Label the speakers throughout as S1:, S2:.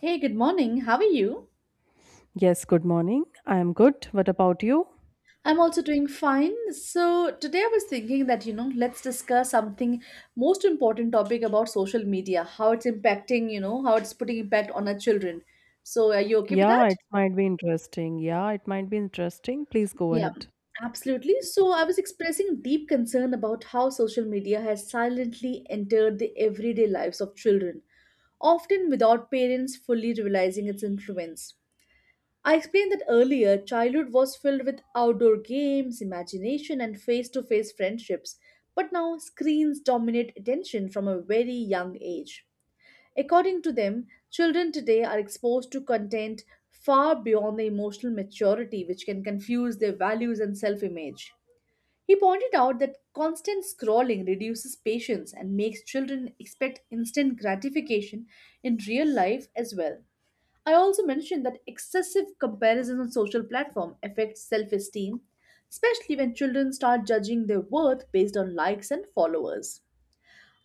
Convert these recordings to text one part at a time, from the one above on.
S1: Hey, good morning. How are you?
S2: Yes, good morning. I am good. What about you?
S1: I'm also doing fine. So, today I was thinking that, let's discuss something most important topic about social media, how it's impacting, how it's putting impact on our children. So, are you okay with
S2: Yeah,
S1: that?
S2: it might be interesting. Yeah, it might be interesting. Please go
S1: Yeah,
S2: ahead.
S1: absolutely. So, I was expressing deep concern about how social media has silently entered the everyday lives of children, often without parents fully realizing its influence. I explained that earlier, childhood was filled with outdoor games, imagination, and face to face friendships, but now screens dominate attention from a very young age. According to them, children today are exposed to content far beyond their emotional maturity, which can confuse their values and self image. He pointed out that constant scrolling reduces patience and makes children expect instant gratification in real life as well. I also mentioned that excessive comparison on social platform affects self-esteem, especially when children start judging their worth based on likes and followers.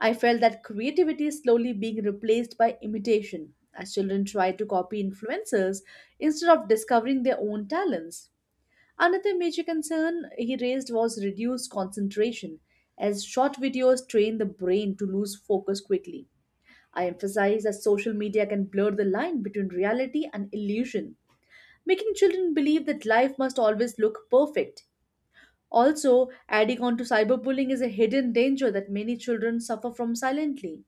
S1: I felt that creativity is slowly being replaced by imitation as children try to copy influencers instead of discovering their own talents. Another major concern he raised was reduced concentration, as short videos train the brain to lose focus quickly. I emphasize that social media can blur the line between reality and illusion, making children believe that life must always look perfect. Also, adding on to cyberbullying is a hidden danger that many children suffer from silently.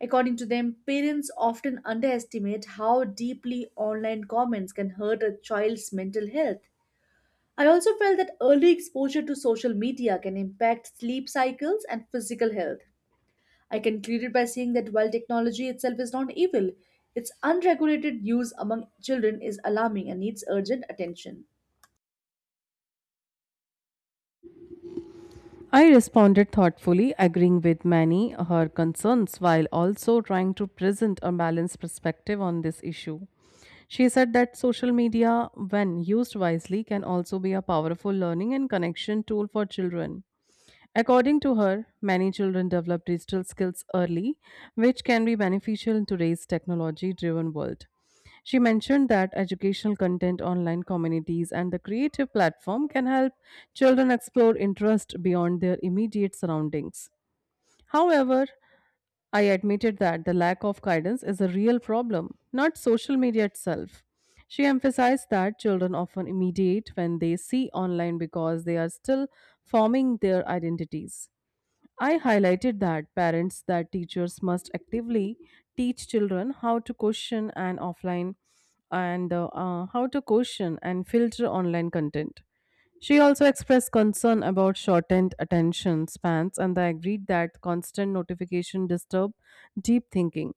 S1: According to them, parents often underestimate how deeply online comments can hurt a child's mental health. I also felt that early exposure to social media can impact sleep cycles and physical health. I concluded by saying that while technology itself is not evil, its unregulated use among children is alarming and needs urgent attention.
S2: I responded thoughtfully, agreeing with many her concerns while also trying to present a balanced perspective on this issue. She said that social media, when used wisely, can also be a powerful learning and connection tool for children. According to her, many children develop digital skills early, which can be beneficial in today's technology driven world. She mentioned that educational content, online communities, and the creative platform can help children explore interests beyond their immediate surroundings. However, I admitted that the lack of guidance is a real problem, not social media itself. She emphasized that children often immediate when they see online because they are still forming their identities. I highlighted that parents that teachers must actively teach children how to question and offline and how to question and filter online content. She also expressed concern about shortened attention spans and I agreed that constant notification disturb deep thinking.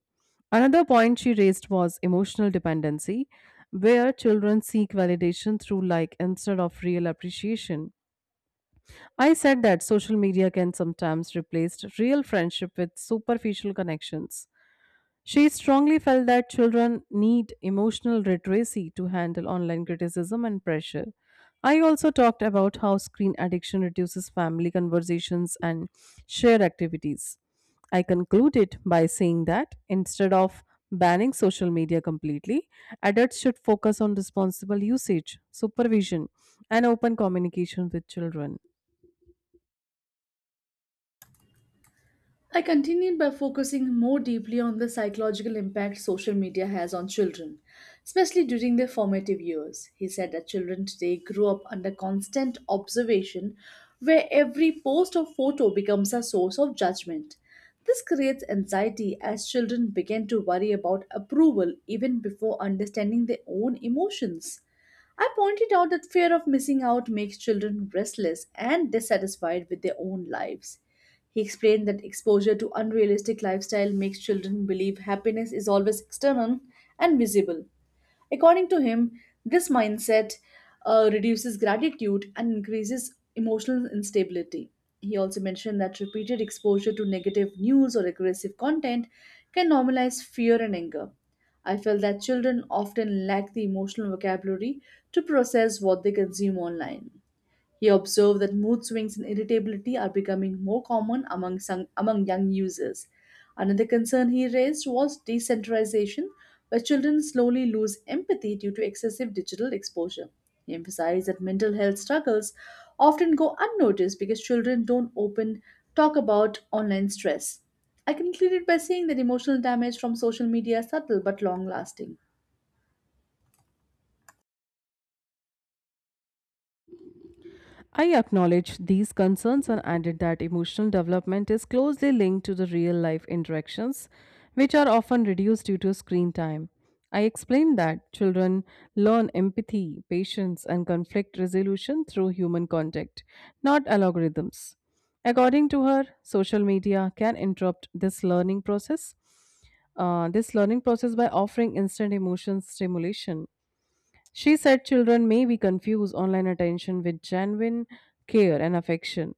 S2: Another point she raised was emotional dependency, where children seek validation through like instead of real appreciation. I said that social media can sometimes replace real friendship with superficial connections. She strongly felt that children need emotional literacy to handle online criticism and pressure. I also talked about how screen addiction reduces family conversations and shared activities. I concluded by saying that instead of banning social media completely, adults should focus on responsible usage, supervision, and open communication with children.
S1: I continued by focusing more deeply on the psychological impact social media has on children, especially during their formative years. He said that children today grow up under constant observation, where every post or photo becomes a source of judgment. This creates anxiety as children begin to worry about approval even before understanding their own emotions. I pointed out that fear of missing out makes children restless and dissatisfied with their own lives. He explained that exposure to unrealistic lifestyle makes children believe happiness is always external and visible. According to him, this mindset reduces gratitude and increases emotional instability. He also mentioned that repeated exposure to negative news or aggressive content can normalize fear and anger. I felt that children often lack the emotional vocabulary to process what they consume online. He observed that mood swings and irritability are becoming more common among, among young users. Another concern he raised was decentralization, where children slowly lose empathy due to excessive digital exposure. He emphasized that mental health struggles often go unnoticed because children don't open talk about online stress. I concluded by saying that emotional damage from social media is subtle but long lasting.
S2: I acknowledge these concerns and added that emotional development is closely linked to the real life interactions, which are often reduced due to screen time. I explained that children learn empathy, patience, and conflict resolution through human contact, not algorithms. According to her, social media can interrupt this learning process. This learning process by offering instant emotion stimulation, she said children may be confused online attention with genuine care and affection.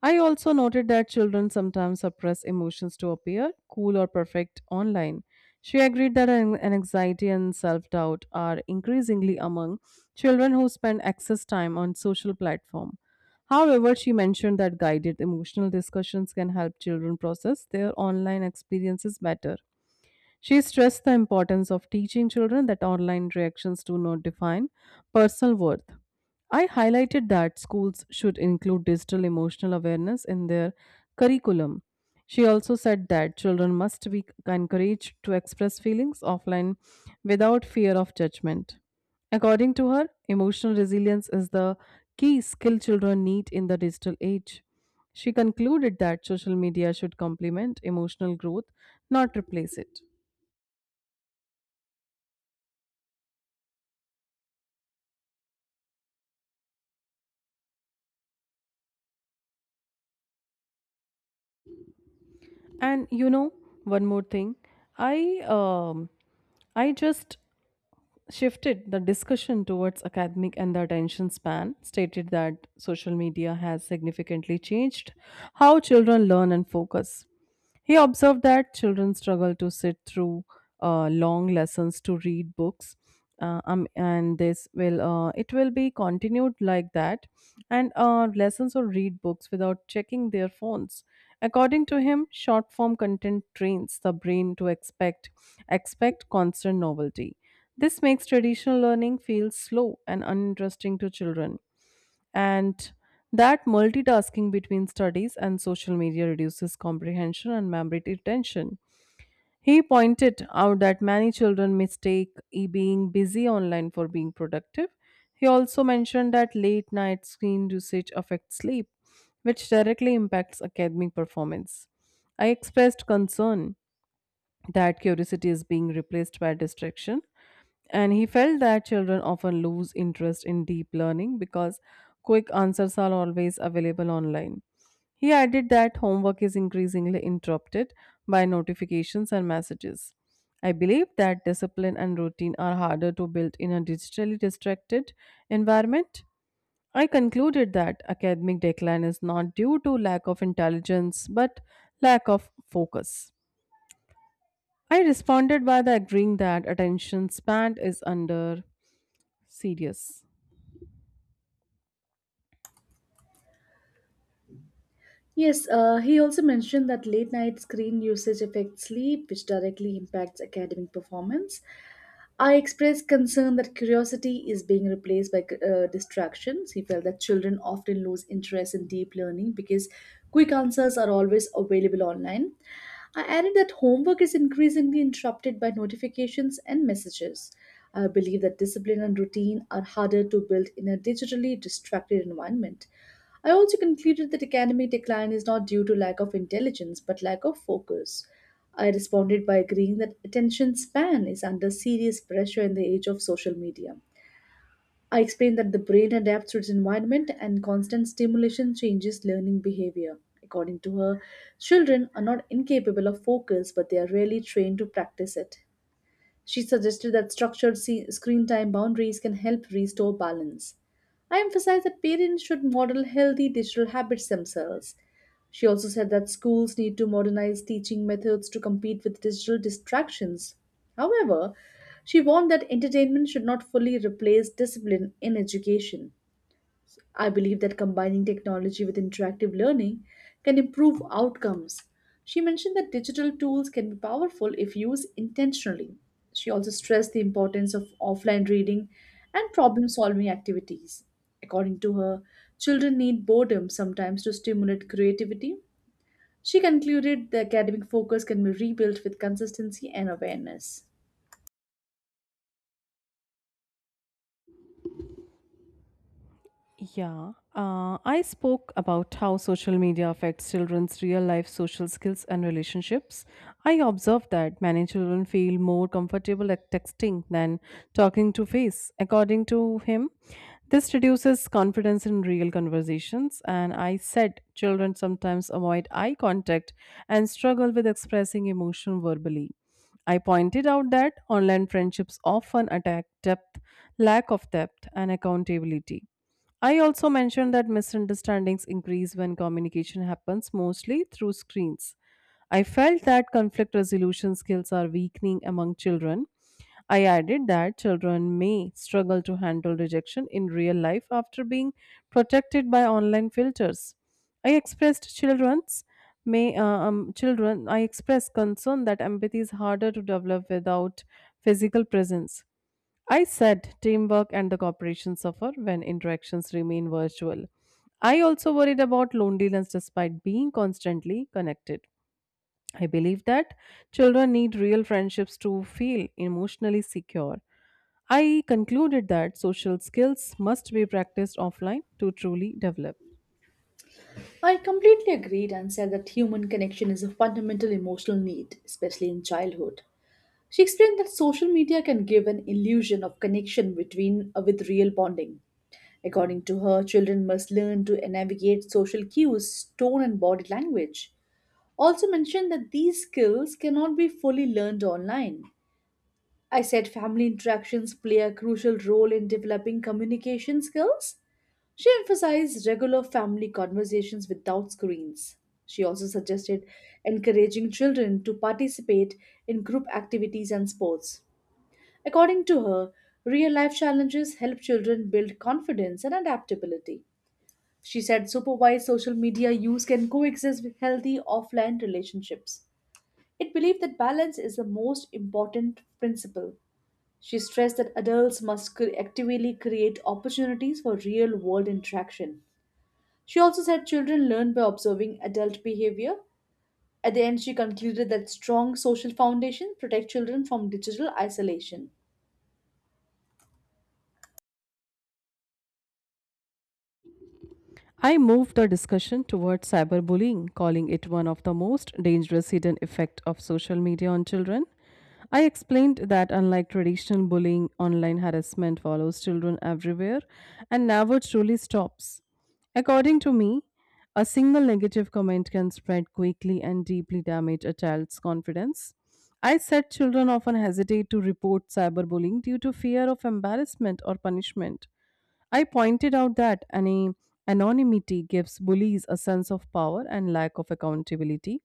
S2: I also noted that children sometimes suppress emotions to appear cool or perfect online. She agreed that an anxiety and self doubt are increasingly among children who spend excess time on social platform. However, she mentioned that guided emotional discussions can help children process their online experiences better. She stressed the importance of teaching children that online reactions do not define personal worth. I highlighted that schools should include digital emotional awareness in their curriculum. She also said that children must be encouraged to express feelings offline without fear of judgment. According to her, emotional resilience is the key skill children need in the digital age. She concluded that social media should complement emotional growth, not replace it. And you know, one more thing, I um, I just shifted the discussion towards academic and the attention span. Stated that social media has significantly changed how children learn and focus. He observed that children struggle to sit through long lessons to read books. And this will it will be continued like that and lessons or read books without checking their phones. According to him, short form content trains the brain to expect constant novelty. This makes traditional learning feel slow and uninteresting to children, and that multitasking between studies and social media reduces comprehension and memory retention. He pointed out that many children mistake being busy online for being productive. He also mentioned that late night screen usage affects sleep, which directly impacts academic performance. I expressed concern that curiosity is being replaced by distraction. And he felt that children often lose interest in deep learning because quick answers are always available online. He added that homework is increasingly interrupted by notifications and messages. I believe that discipline and routine are harder to build in a digitally distracted environment. I concluded that academic decline is not due to lack of intelligence but lack of focus. I responded by the agreeing that attention span is under serious.
S1: Yes, he also mentioned that late night screen usage affects sleep, which directly impacts academic performance. I expressed concern that curiosity is being replaced by distractions. He felt that children often lose interest in deep learning because quick answers are always available online. I added that homework is increasingly interrupted by notifications and messages. I believe that discipline and routine are harder to build in a digitally distracted environment. I also concluded that academic decline is not due to lack of intelligence but lack of focus. I responded by agreeing that attention span is under serious pressure in the age of social media. I explained that the brain adapts to its environment and constant stimulation changes learning behavior. According to her, children are not incapable of focus, but they are rarely trained to practice it. She suggested that structured screen time boundaries can help restore balance. I emphasized that parents should model healthy digital habits themselves. She also said that schools need to modernize teaching methods to compete with digital distractions. However, she warned that entertainment should not fully replace discipline in education. I believe that combining technology with interactive learning can improve outcomes. She mentioned that digital tools can be powerful if used intentionally. She also stressed the importance of offline reading and problem solving activities. According to her, children need boredom sometimes to stimulate creativity. She concluded the academic focus can be rebuilt with consistency and awareness.
S2: Yeah, I spoke about how social media affects children's real life social skills and relationships. I observed that many children feel more comfortable at texting than talking to face. According to him, this reduces confidence in real conversations. And I said children sometimes avoid eye contact and struggle with expressing emotion verbally. I pointed out that online friendships often attack depth, lack of depth, and accountability. I also mentioned that misunderstandings increase when communication happens mostly through screens. I felt that conflict resolution skills are weakening among children. I added that children may struggle to handle rejection in real life after being protected by online filters. I expressed children's may children I expressed concern that empathy is harder to develop without physical presence. I said teamwork and the cooperation suffer when interactions remain virtual. I also worried about loneliness despite being constantly connected. I believe that children need real friendships to feel emotionally secure. I concluded that social skills must be practiced offline to truly develop.
S1: I completely agreed and said that human connection is a fundamental emotional need, especially in childhood. She explained that social media can give an illusion of connection between with real bonding. According to her, children must learn to navigate social cues, tone, and body language. Also mentioned that these skills cannot be fully learned online. I said family interactions play a crucial role in developing communication skills. She emphasized regular family conversations without screens. She also suggested encouraging children to participate in group activities and sports. According to her, real life challenges help children build confidence and adaptability. She said supervised social media use can coexist with healthy offline relationships. It believed that balance is the most important principle. She stressed that adults must actively create opportunities for real world interaction. She also said children learn by observing adult behavior. At the end, she concluded that strong social foundation protect children from digital isolation.
S2: I moved the discussion towards cyberbullying, calling it one of the most dangerous hidden effects of social media on children. I explained that unlike traditional bullying, online harassment follows children everywhere and never truly stops. According to me, a single negative comment can spread quickly and deeply damage a child's confidence. I said children often hesitate to report cyberbullying due to fear of embarrassment or punishment. I pointed out that any anonymity gives bullies a sense of power and lack of accountability.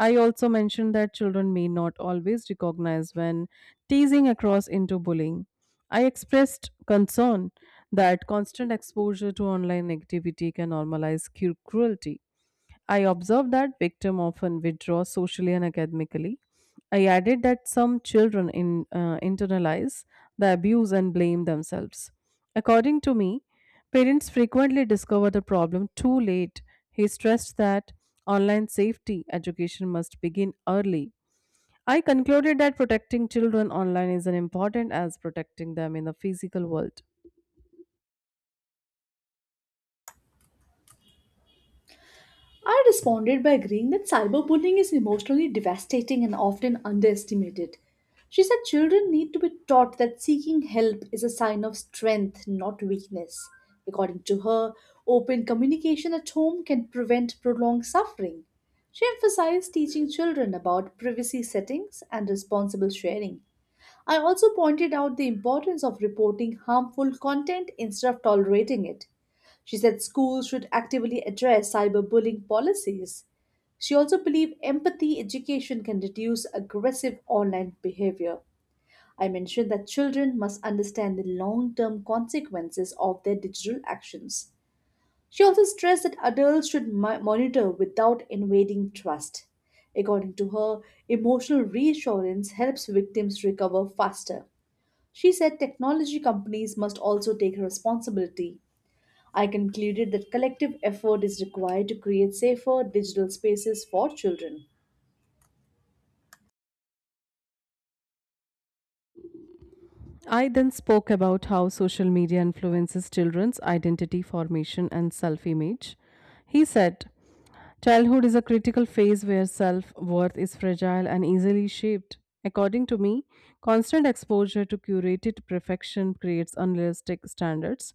S2: I also mentioned that children may not always recognize when teasing across into bullying. I expressed concern that constant exposure to online negativity can normalize cruelty. I observed that victim often withdraw socially and academically. I added that some children internalize the abuse and blame themselves. According to me, parents frequently discover the problem too late. He stressed that online safety education must begin early. I concluded that protecting children online is as important as protecting them in the physical world.
S1: I responded by agreeing that cyberbullying is emotionally devastating and often underestimated. She said children need to be taught that seeking help is a sign of strength, not weakness. According to her, open communication at home can prevent prolonged suffering. She emphasized teaching children about privacy settings and responsible sharing. I also pointed out the importance of reporting harmful content instead of tolerating it. She said schools should actively address cyberbullying policies. She also believed empathy education can reduce aggressive online behavior. I mentioned that children must understand the long term consequences of their digital actions. She also stressed that adults should monitor without invading trust. According to her, emotional reassurance helps victims recover faster. She said technology companies must also take responsibility. I concluded that collective effort is required to create safer digital spaces for children.
S2: I then spoke about how social media influences children's identity formation and self image. He said, childhood is a critical phase where self worth is fragile and easily shaped. According to me, constant exposure to curated perfection creates unrealistic standards.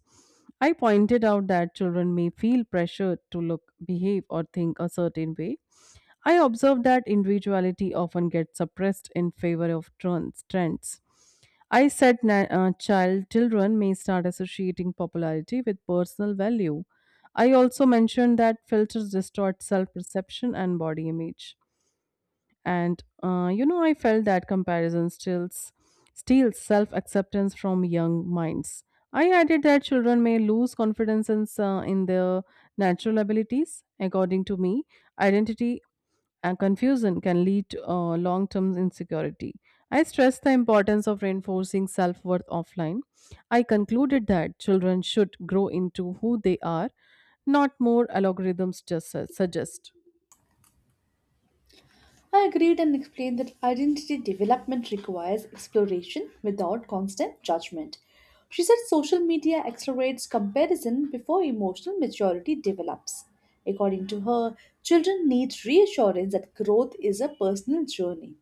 S2: I pointed out that children may feel pressured to look, behave, or think a certain way. I observed that individuality often gets suppressed in favor of trends. I said, children may start associating popularity with personal value. I also mentioned that filters distort self perception and body image. And you know, I felt that comparison steals self acceptance from young minds. I added that children may lose confidence in their natural abilities. According to me, identity and confusion can lead to long term insecurity. I stressed the importance of reinforcing self worth offline. I concluded that children should grow into who they are, not more algorithms just suggest.
S1: I agreed and explained that identity development requires exploration without constant judgment. She said social media accelerates comparison before emotional maturity develops. According to her, children need reassurance that growth is a personal journey.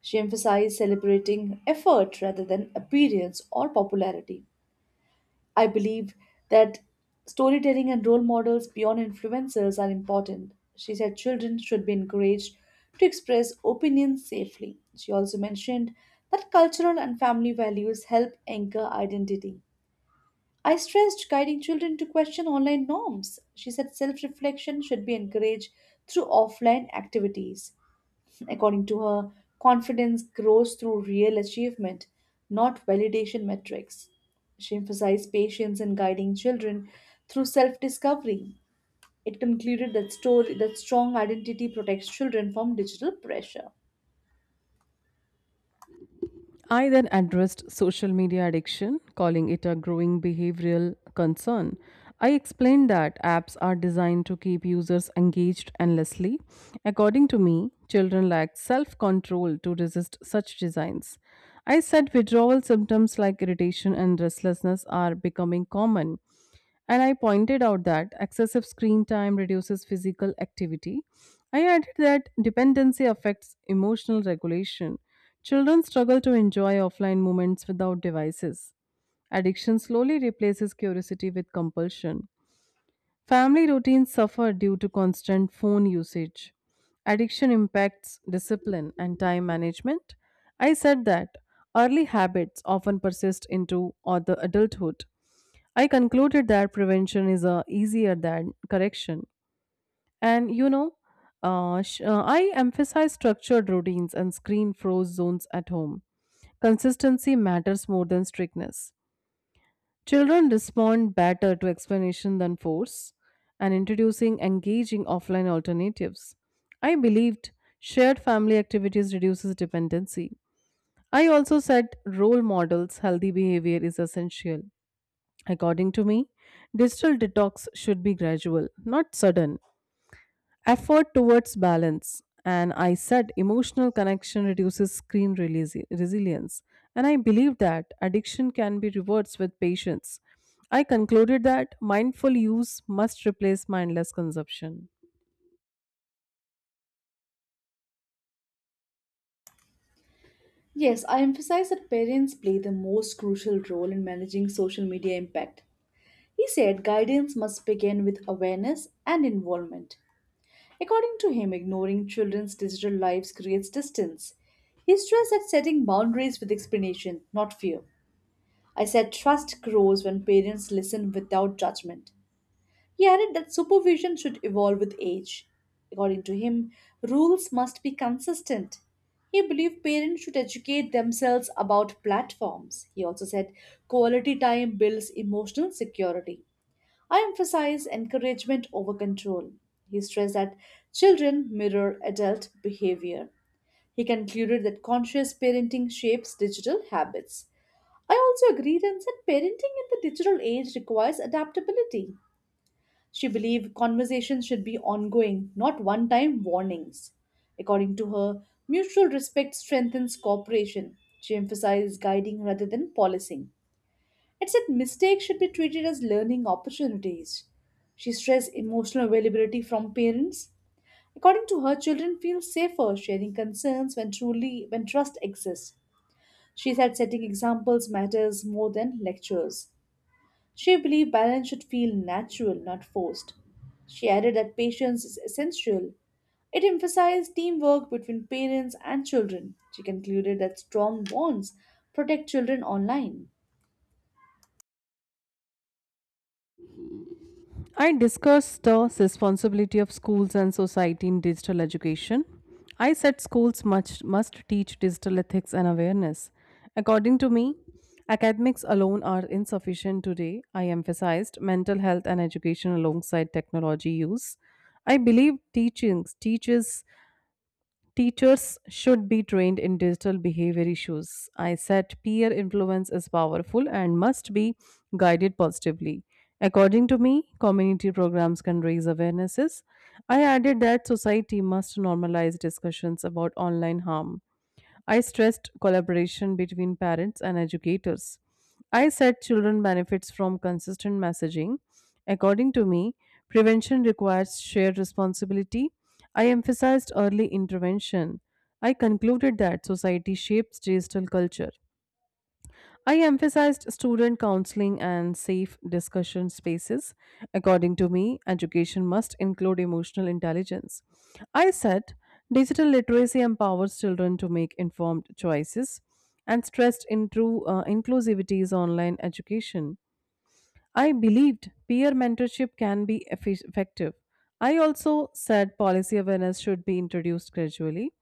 S1: She emphasized celebrating effort rather than appearance or popularity. I believe that storytelling and role models beyond influencers are important. She said children should be encouraged to express opinions safely. She also mentioned that cultural and family values help anchor identity. I stressed guiding children to question online norms. She said self reflection should be encouraged through offline activities. According to her, confidence grows through real achievement, not validation metrics. She emphasized patience in guiding children through self discovery. It concluded that strong identity protects children from digital pressure.
S2: I then addressed social media addiction, calling it a growing behavioral concern. I explained that apps are designed to keep users engaged endlessly. According to me, children lack self control to resist such designs. I said withdrawal symptoms like irritation and restlessness are becoming common, and I pointed out that excessive screen time reduces physical activity. I added that dependency affects emotional regulation. Children struggle to enjoy offline moments without devices. Addiction slowly replaces curiosity with compulsion. Family routines suffer due to constant phone usage. Addiction impacts discipline and time management. I said that early habits often persist into other adulthood. I concluded that prevention is easier than correction. And you know, I emphasize structured routines and screen froze zones at home. Consistency matters more than strictness. Children respond better to explanation than force, and introducing engaging offline alternatives. I believed shared family activities reduces dependency. I also said role models, healthy behavior is essential. According to me, digital detox should be gradual, not sudden. Effort towards balance. And I said emotional connection reduces screen resilience. And I believe that addiction can be reversed with patience. I concluded that mindful use must replace mindless consumption.
S1: Yes, I emphasize that parents play the most crucial role in managing social media impact. He said guidance must begin with awareness and involvement. According to him, ignoring children's digital lives creates distance. He stressed that setting boundaries with explanation, not fear. I said trust grows when parents listen without judgment. He added that supervision should evolve with age. According to him, rules must be consistent. He believed parents should educate themselves about platforms. He also said quality time builds emotional security. I emphasize encouragement over control. He stressed that children mirror adult behavior. He concluded that conscious parenting shapes digital habits. I also agreed and said parenting in the digital age requires adaptability. She believed conversations should be ongoing, not one time warnings. According to her, mutual respect strengthens cooperation. She emphasized guiding rather than policing. It said mistakes should be treated as learning opportunities. She stressed emotional availability from parents. According to her, children feel safer sharing concerns when trust exists. She said setting examples matters more than lectures. She believed balance should feel natural, not forced. She added that patience is essential. It emphasized teamwork between parents and children. She concluded that strong bonds protect children online.
S2: I discussed the responsibility of schools and society in digital education. I said schools must teach digital ethics and awareness. According to me, academics alone are insufficient today. I emphasized mental health and education alongside technology use. I believe teachings teaches teachers should be trained in digital behavior issues. I said peer influence is powerful and must be guided positively. According to me, community programs can raise awarenesses. I added that society must normalize discussions about online harm. I stressed collaboration between parents and educators. I said children benefits from consistent messaging. According to me, prevention requires shared responsibility. I emphasized early intervention. I concluded that society shapes digital culture. I emphasized student counseling and safe discussion spaces. According to me, education must include emotional intelligence. I said digital literacy empowers children to make informed choices and stressed into inclusivity is online education. I believed peer mentorship can be effective. I also said policy awareness should be introduced gradually.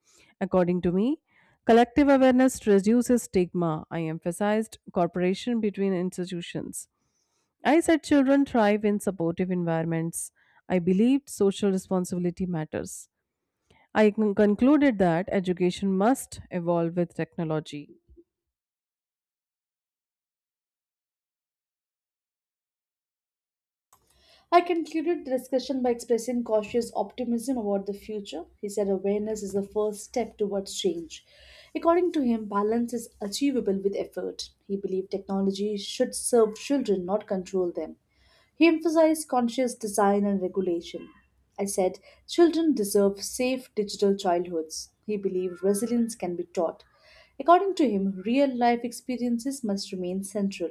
S2: According to me, collective awareness reduces stigma. I emphasized cooperation between institutions. I said children thrive in supportive environments. I believed social responsibility matters. I concluded that education must evolve with technology.
S1: I concluded the discussion by expressing cautious optimism about the future. He said awareness is the first step towards change. According to him, balance is achievable with effort. He believed technology should serve children, not control them. He emphasized conscious design and regulation. I said, children deserve safe digital childhoods. He believed resilience can be taught. According to him, real life experiences must remain central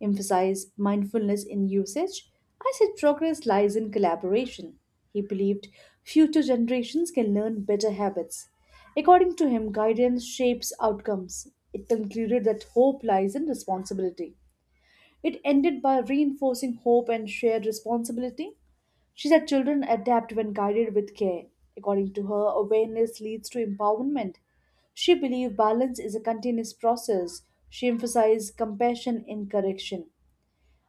S1: emphasized mindfulness in usage. I said progress lies in collaboration. He believed future generations can learn better habits. According to him, guidance shapes outcomes. It concluded that hope lies in responsibility. It ended by reinforcing hope and shared responsibility. She said children adapt when guided with care. According to her, awareness leads to empowerment. She believed balance is a continuous process. She emphasized compassion in correction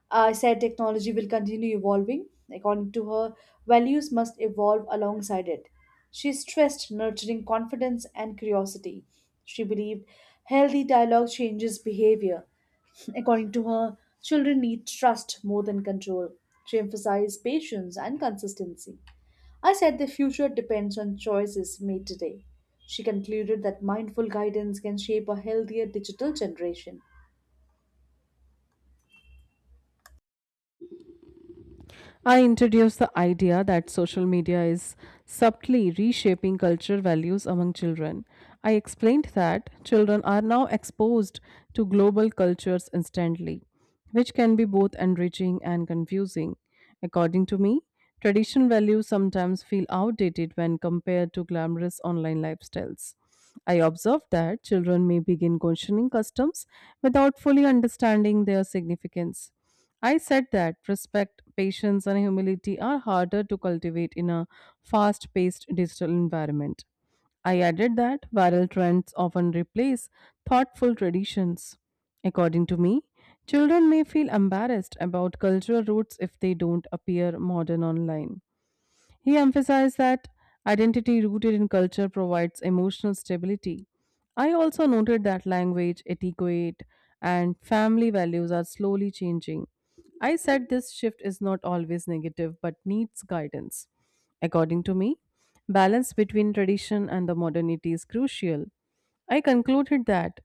S1: said technology will continue evolving. According to her, values must evolve alongside it. She stressed nurturing confidence and curiosity. She believed healthy dialogue changes behavior. According to her, children need trust more than control. She emphasized patience and consistency. I said the future depends on choices made today. She concluded that mindful guidance can shape a healthier digital generation.
S2: I introduced the idea that social media is subtly reshaping cultural values among children. I explained that children are now exposed to global cultures instantly, which can be both enriching and confusing. According to me, traditional values sometimes feel outdated when compared to glamorous online lifestyles. I observed that children may begin questioning customs without fully understanding their significance. I said that respect, patience, and humility are harder to cultivate in a fast paced digital environment. I added that viral trends often replace thoughtful traditions. According to me, children may feel embarrassed about cultural roots if they don't appear modern online. He emphasized that identity rooted in culture provides emotional stability. I also noted that language, etiquette, and family values are slowly changing. I said this shift is not always negative but needs guidance. According to me, balance between tradition and the modernity is crucial. I concluded that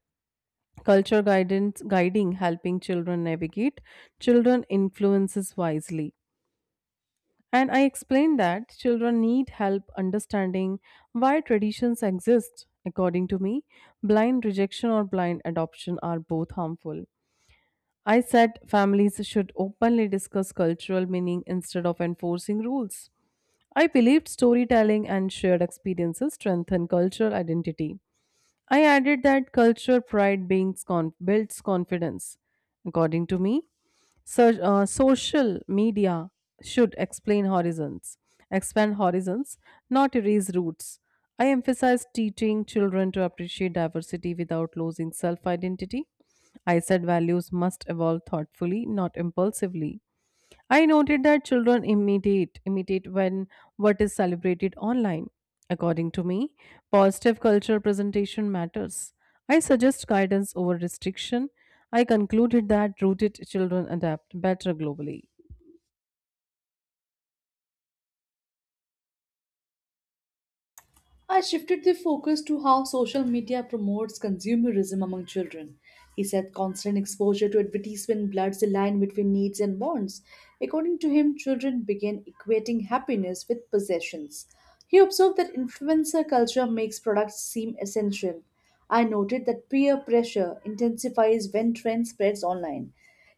S2: culture guidance guiding helping children navigate children influences wisely, and I explained that children need help understanding why traditions exist. According to me, blind rejection or blind adoption are both harmful. I said families should openly discuss cultural meaning instead of enforcing rules. I believed storytelling and shared experiences strengthen cultural identity. I added that culture pride beings builds confidence. According to me, social media should explain horizons, expand horizons, not erase roots. I emphasize teaching children to appreciate diversity without losing self identity. I said values must evolve thoughtfully, not impulsively. I noted that children imitate when what is celebrated online. According to me, positive cultural presentation matters. I suggest guidance over restriction. I concluded that rooted children adapt better globally.
S1: I shifted the focus to how social media promotes consumerism among children. He said constant exposure to advertisement bloods the line between needs and wants. According to him, children begin equating happiness with possessions. He observed that influencer culture makes products seem essential. I noted that peer pressure intensifies when trend spreads online.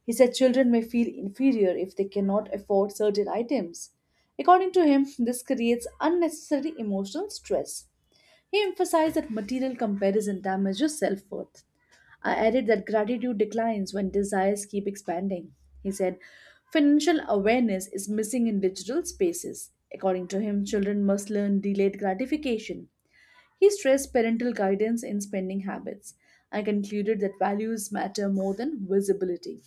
S1: He said children may feel inferior if they cannot afford certain items. According to him, this creates unnecessary emotional stress. He emphasized that material comparison damages self worth. I added that gratitude declines when desires keep expanding. He said, financial awareness is missing in digital spaces. According to him, children must learn delayed gratification. He stressed parental guidance in spending habits. I concluded that values matter more than visibility.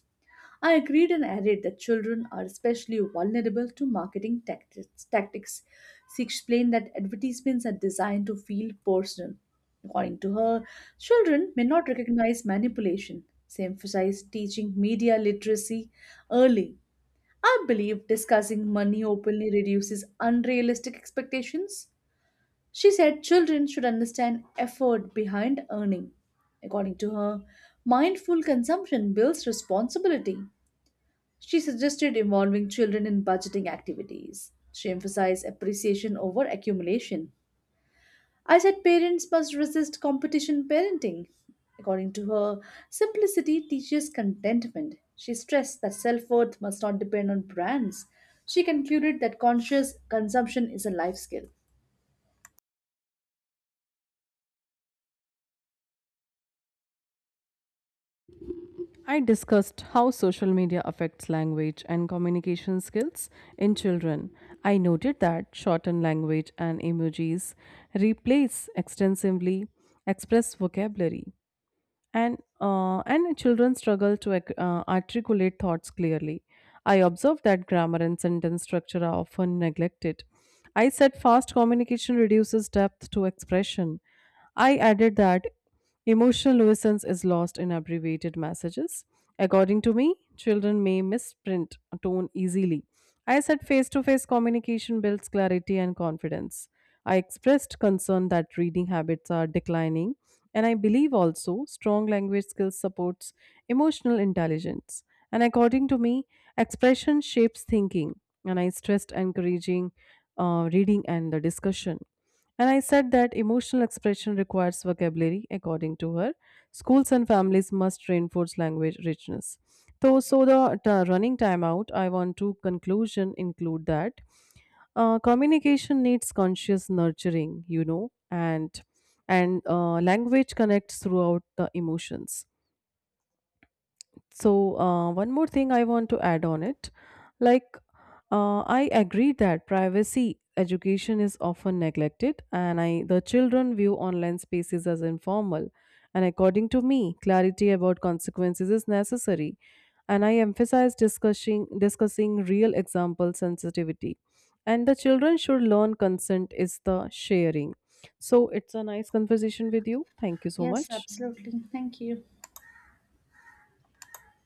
S1: I agreed and added that children are especially vulnerable to marketing tactics. She explained that advertisements are designed to feel personal. According to her, children may not recognize manipulation. She emphasized teaching media literacy early. I believe discussing money openly reduces unrealistic expectations. She said children should understand effort behind earning. According to her, mindful consumption builds responsibility. She suggested involving children in budgeting activities. She emphasized appreciation over accumulation. I said parents must resist competition parenting. According to her, simplicity teaches contentment. She stressed that self worth must not depend on brands. She concluded that conscious consumption is a life skill.
S2: I discussed how social media affects language and communication skills in children. I noted that shortened language and emojis replace extensively express vocabulary and children struggle to articulate thoughts clearly. I observe that grammar and sentence structure are often neglected. I said fast communication reduces depth to expression. I added that emotional nuisance is lost in abbreviated messages. According to me, children may misprint a tone easily. I said face to face communication builds clarity and confidence. I expressed concern that reading habits are declining. And I believe also strong language skills supports emotional intelligence. And according to me, expression shapes thinking. And I stressed encouraging reading and the discussion. And I said that emotional expression requires vocabulary, according to her. Schools and families must reinforce language richness. So the running time out, I want to conclusion include that communication needs conscious nurturing, you know, and language connects throughout the emotions, so, one more thing I want to add on it. Like, I agree that privacy education is often neglected, and I the children view online spaces as informal. And according to me, clarity about consequences is necessary. And I emphasize discussing real example sensitivity. And the children should learn consent is the sharing. So it's a nice conversation with you. Thank you so
S1: Yes,
S2: much.
S1: absolutely. Thank you.